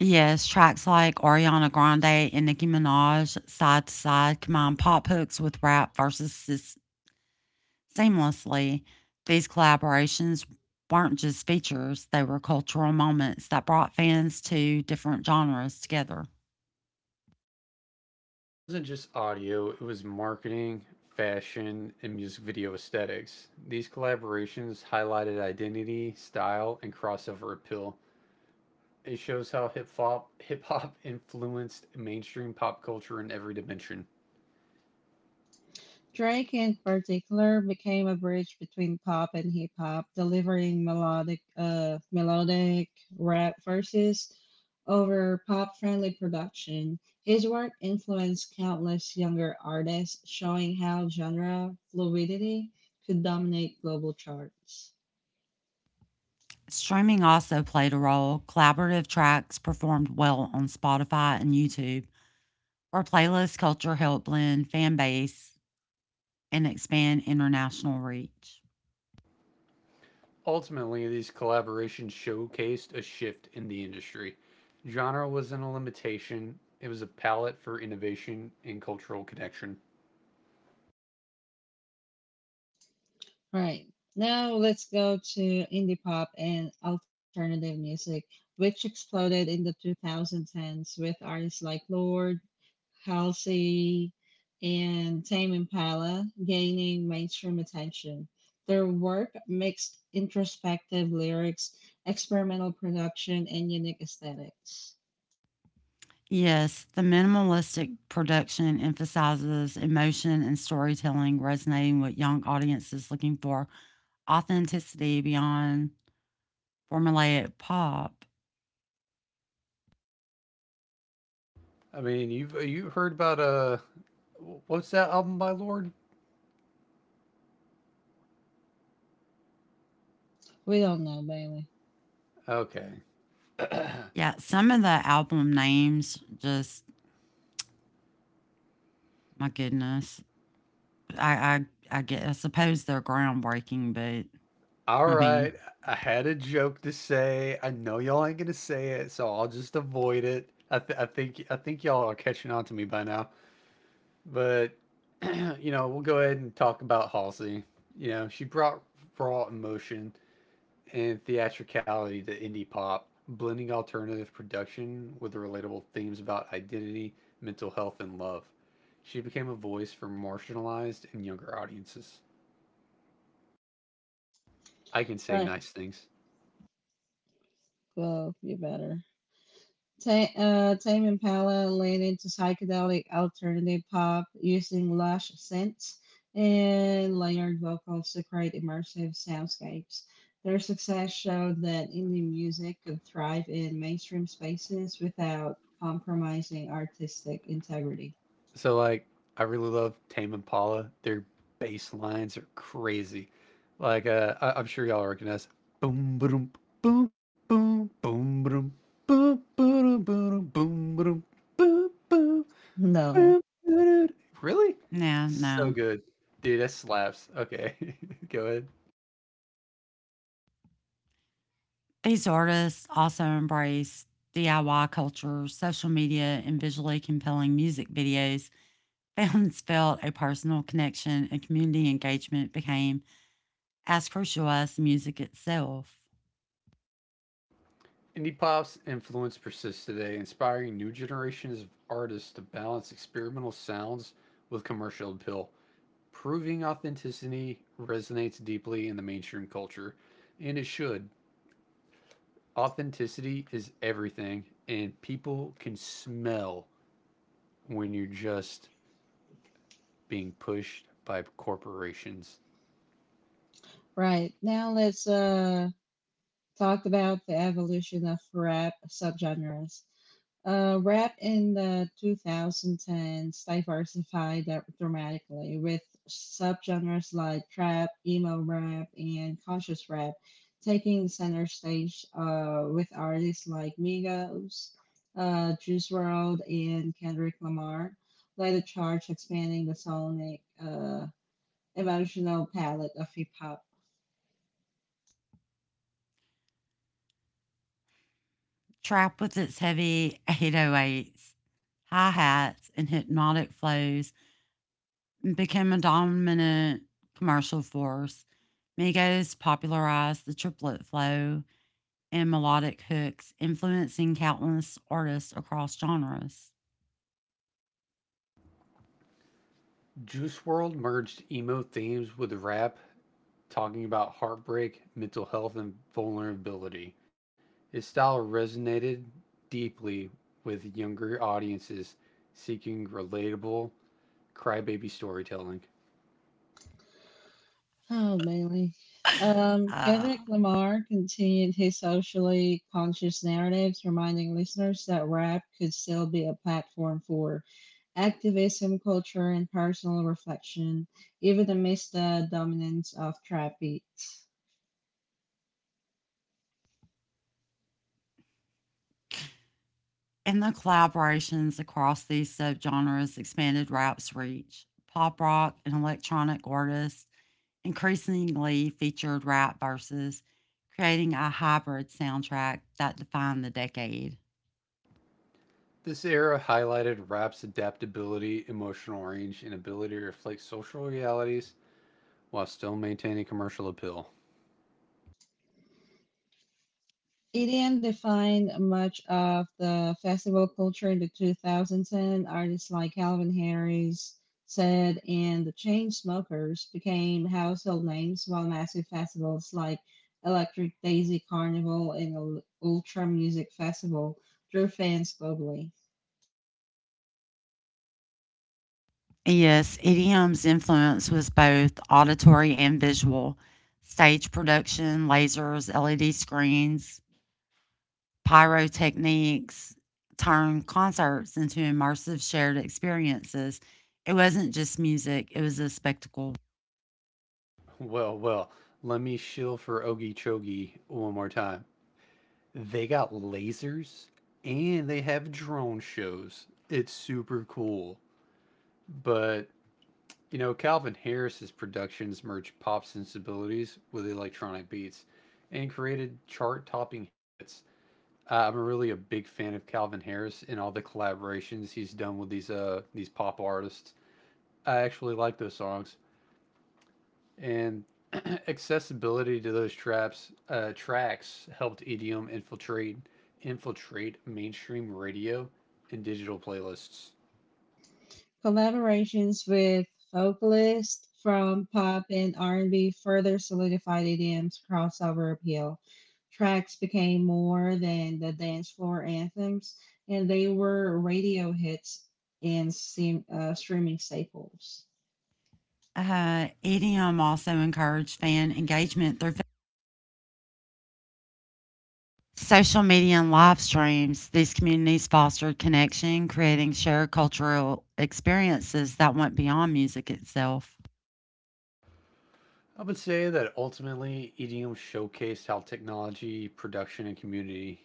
S2: Yes, tracks like Ariana Grande and Nicki Minaj side to side combine pop hooks with rap verses seamlessly. These collaborations weren't just features, they were cultural moments that brought fans to different genres together.
S3: Wasn't just audio, it was marketing, fashion, and music video aesthetics. These collaborations highlighted identity, style, and crossover appeal. It shows how hip hop influenced mainstream pop culture in every dimension.
S1: Drake, in particular, became a bridge between pop and hip hop, delivering melodic rap verses over pop friendly production. His work influenced countless younger artists, showing how genre fluidity could dominate global charts.
S2: Streaming also played a role. Collaborative tracks performed well on Spotify and YouTube, where playlist culture helped blend fan base and expand international reach.
S3: Ultimately, these collaborations showcased a shift in the industry. Genre wasn't a limitation, it was a palette for innovation and cultural connection.
S1: Right. Now let's go to indie pop and alternative music, which exploded in the 2010s with artists like Lord, Halsey, and Tame Impala gaining mainstream attention. Their work mixed introspective lyrics, experimental production, and unique aesthetics.
S2: Yes, the minimalistic production emphasizes emotion and storytelling, resonating with young audiences looking for authenticity beyond formulaic pop.
S3: I mean, you heard about what's that album by Lord?
S1: We don't know, Bailey.
S3: Okay,
S2: Yeah, some of the album names, just my goodness. I I get, I suppose they're groundbreaking, but
S3: all
S2: I mean,
S3: right. I had a joke to say. I know y'all ain't gonna say it, so I'll just avoid it. I think y'all are catching on to me by now. But you know, we'll go ahead and talk about Halsey. You know, she brought raw emotion and theatricality to indie pop, blending alternative production with the relatable themes about identity, mental health, and love. She became a voice for marginalized and younger audiences. I can say
S1: Right.
S3: nice things.
S1: Well, you better. Tame Impala leaned into psychedelic alternative pop using lush synths and layered vocals to create immersive soundscapes. Their success showed that indie music could thrive in mainstream spaces without compromising artistic integrity.
S3: So like I really love Tame Impala. Their bass lines are crazy. Like I'm sure y'all recognize boom boom boom boom boom boom boom boom boom boom boom boom boom boom
S1: No.
S3: boom. Really?
S2: nah,
S3: So
S2: no.
S3: good. Dude, that slaps. Okay. Go ahead.
S2: These artists also embrace DIY culture, social media, and visually compelling music videos. Fans felt a personal connection and community engagement became as crucial as the music itself.
S3: Indie pop's influence persists today, inspiring new generations of artists to balance experimental sounds with commercial appeal. Proving authenticity resonates deeply in the mainstream culture, and it should. Authenticity is everything, and people can smell when you're just being pushed by corporations.
S1: Right. Now let's talk about the evolution of rap subgenres. Rap in the 2010s dramatically with subgenres like trap, emo rap, and conscious rap taking center stage with artists like Migos, Juice WRLD, and Kendrick Lamar led the charge, expanding the emotional palette of hip hop.
S2: Trap with its heavy 808s, hi hats, and hypnotic flows became a dominant commercial force. Migos popularized the triplet flow and melodic hooks, influencing countless artists across genres.
S3: Juice World merged emo themes with rap, talking about heartbreak, mental health, and vulnerability. His style resonated deeply with younger audiences seeking relatable crybaby storytelling.
S1: Oh, Bailey.
S2: Uh,
S1: Kendrick Lamar continued his socially conscious narratives, reminding listeners that rap could still be a platform for activism, culture, and personal reflection, even amidst the dominance of trap beats.
S2: And the collaborations across these subgenres expanded rap's reach. Pop rock and electronic artists increasingly featured rap verses, creating a hybrid soundtrack that defined the decade.
S3: This era highlighted rap's adaptability, emotional range, and ability to reflect social realities while still maintaining commercial appeal.
S1: EDM defined much of the festival culture in the 2010s. Artists like Calvin Harris, Said, and the Chainsmokers became household names, while massive festivals like Electric Daisy Carnival and Ultra Music Festival drew fans globally.
S2: Yes, EDM's influence was both auditory and visual. Stage production, lasers, LED screens, pyrotechnics turned concerts into immersive shared experiences. It wasn't just music, it was a spectacle.
S3: Well, well, let me shill for Ogie Chogie one more time. They got lasers and they have drone shows. It's super cool. But, you know, Calvin Harris's productions merged pop sensibilities with electronic beats and created chart topping hits. I'm really a big fan of Calvin Harris and all the collaborations he's done with these pop artists. I actually like those songs and accessibility to those traps tracks helped EDM infiltrate mainstream radio and digital playlists.
S1: Collaborations with vocalists from pop and R&B further solidified EDM's crossover appeal. Tracks became more than the dance floor anthems, and they were radio hits and streaming staples.
S2: EDM also encouraged fan engagement through social media and live streams. These communities fostered connection, creating shared cultural experiences that went beyond music itself.
S3: I would say that ultimately EDM showcased how technology, production, and community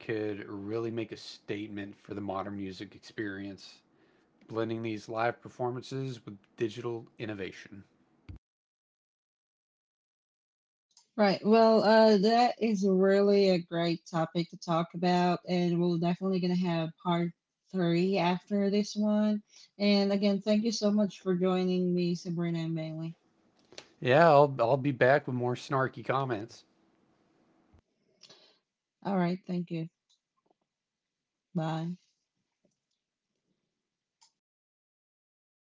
S3: could really make a statement for the modern music experience. Blending these live performances with digital innovation.
S1: Right. Well, that is really a great topic to talk about, and we're definitely going to have part 3 after this one. And again, thank you so much for joining me, Sabrina and Bailey.
S3: Yeah, I'll be back with more snarky comments.
S1: All right. Thank you. Bye.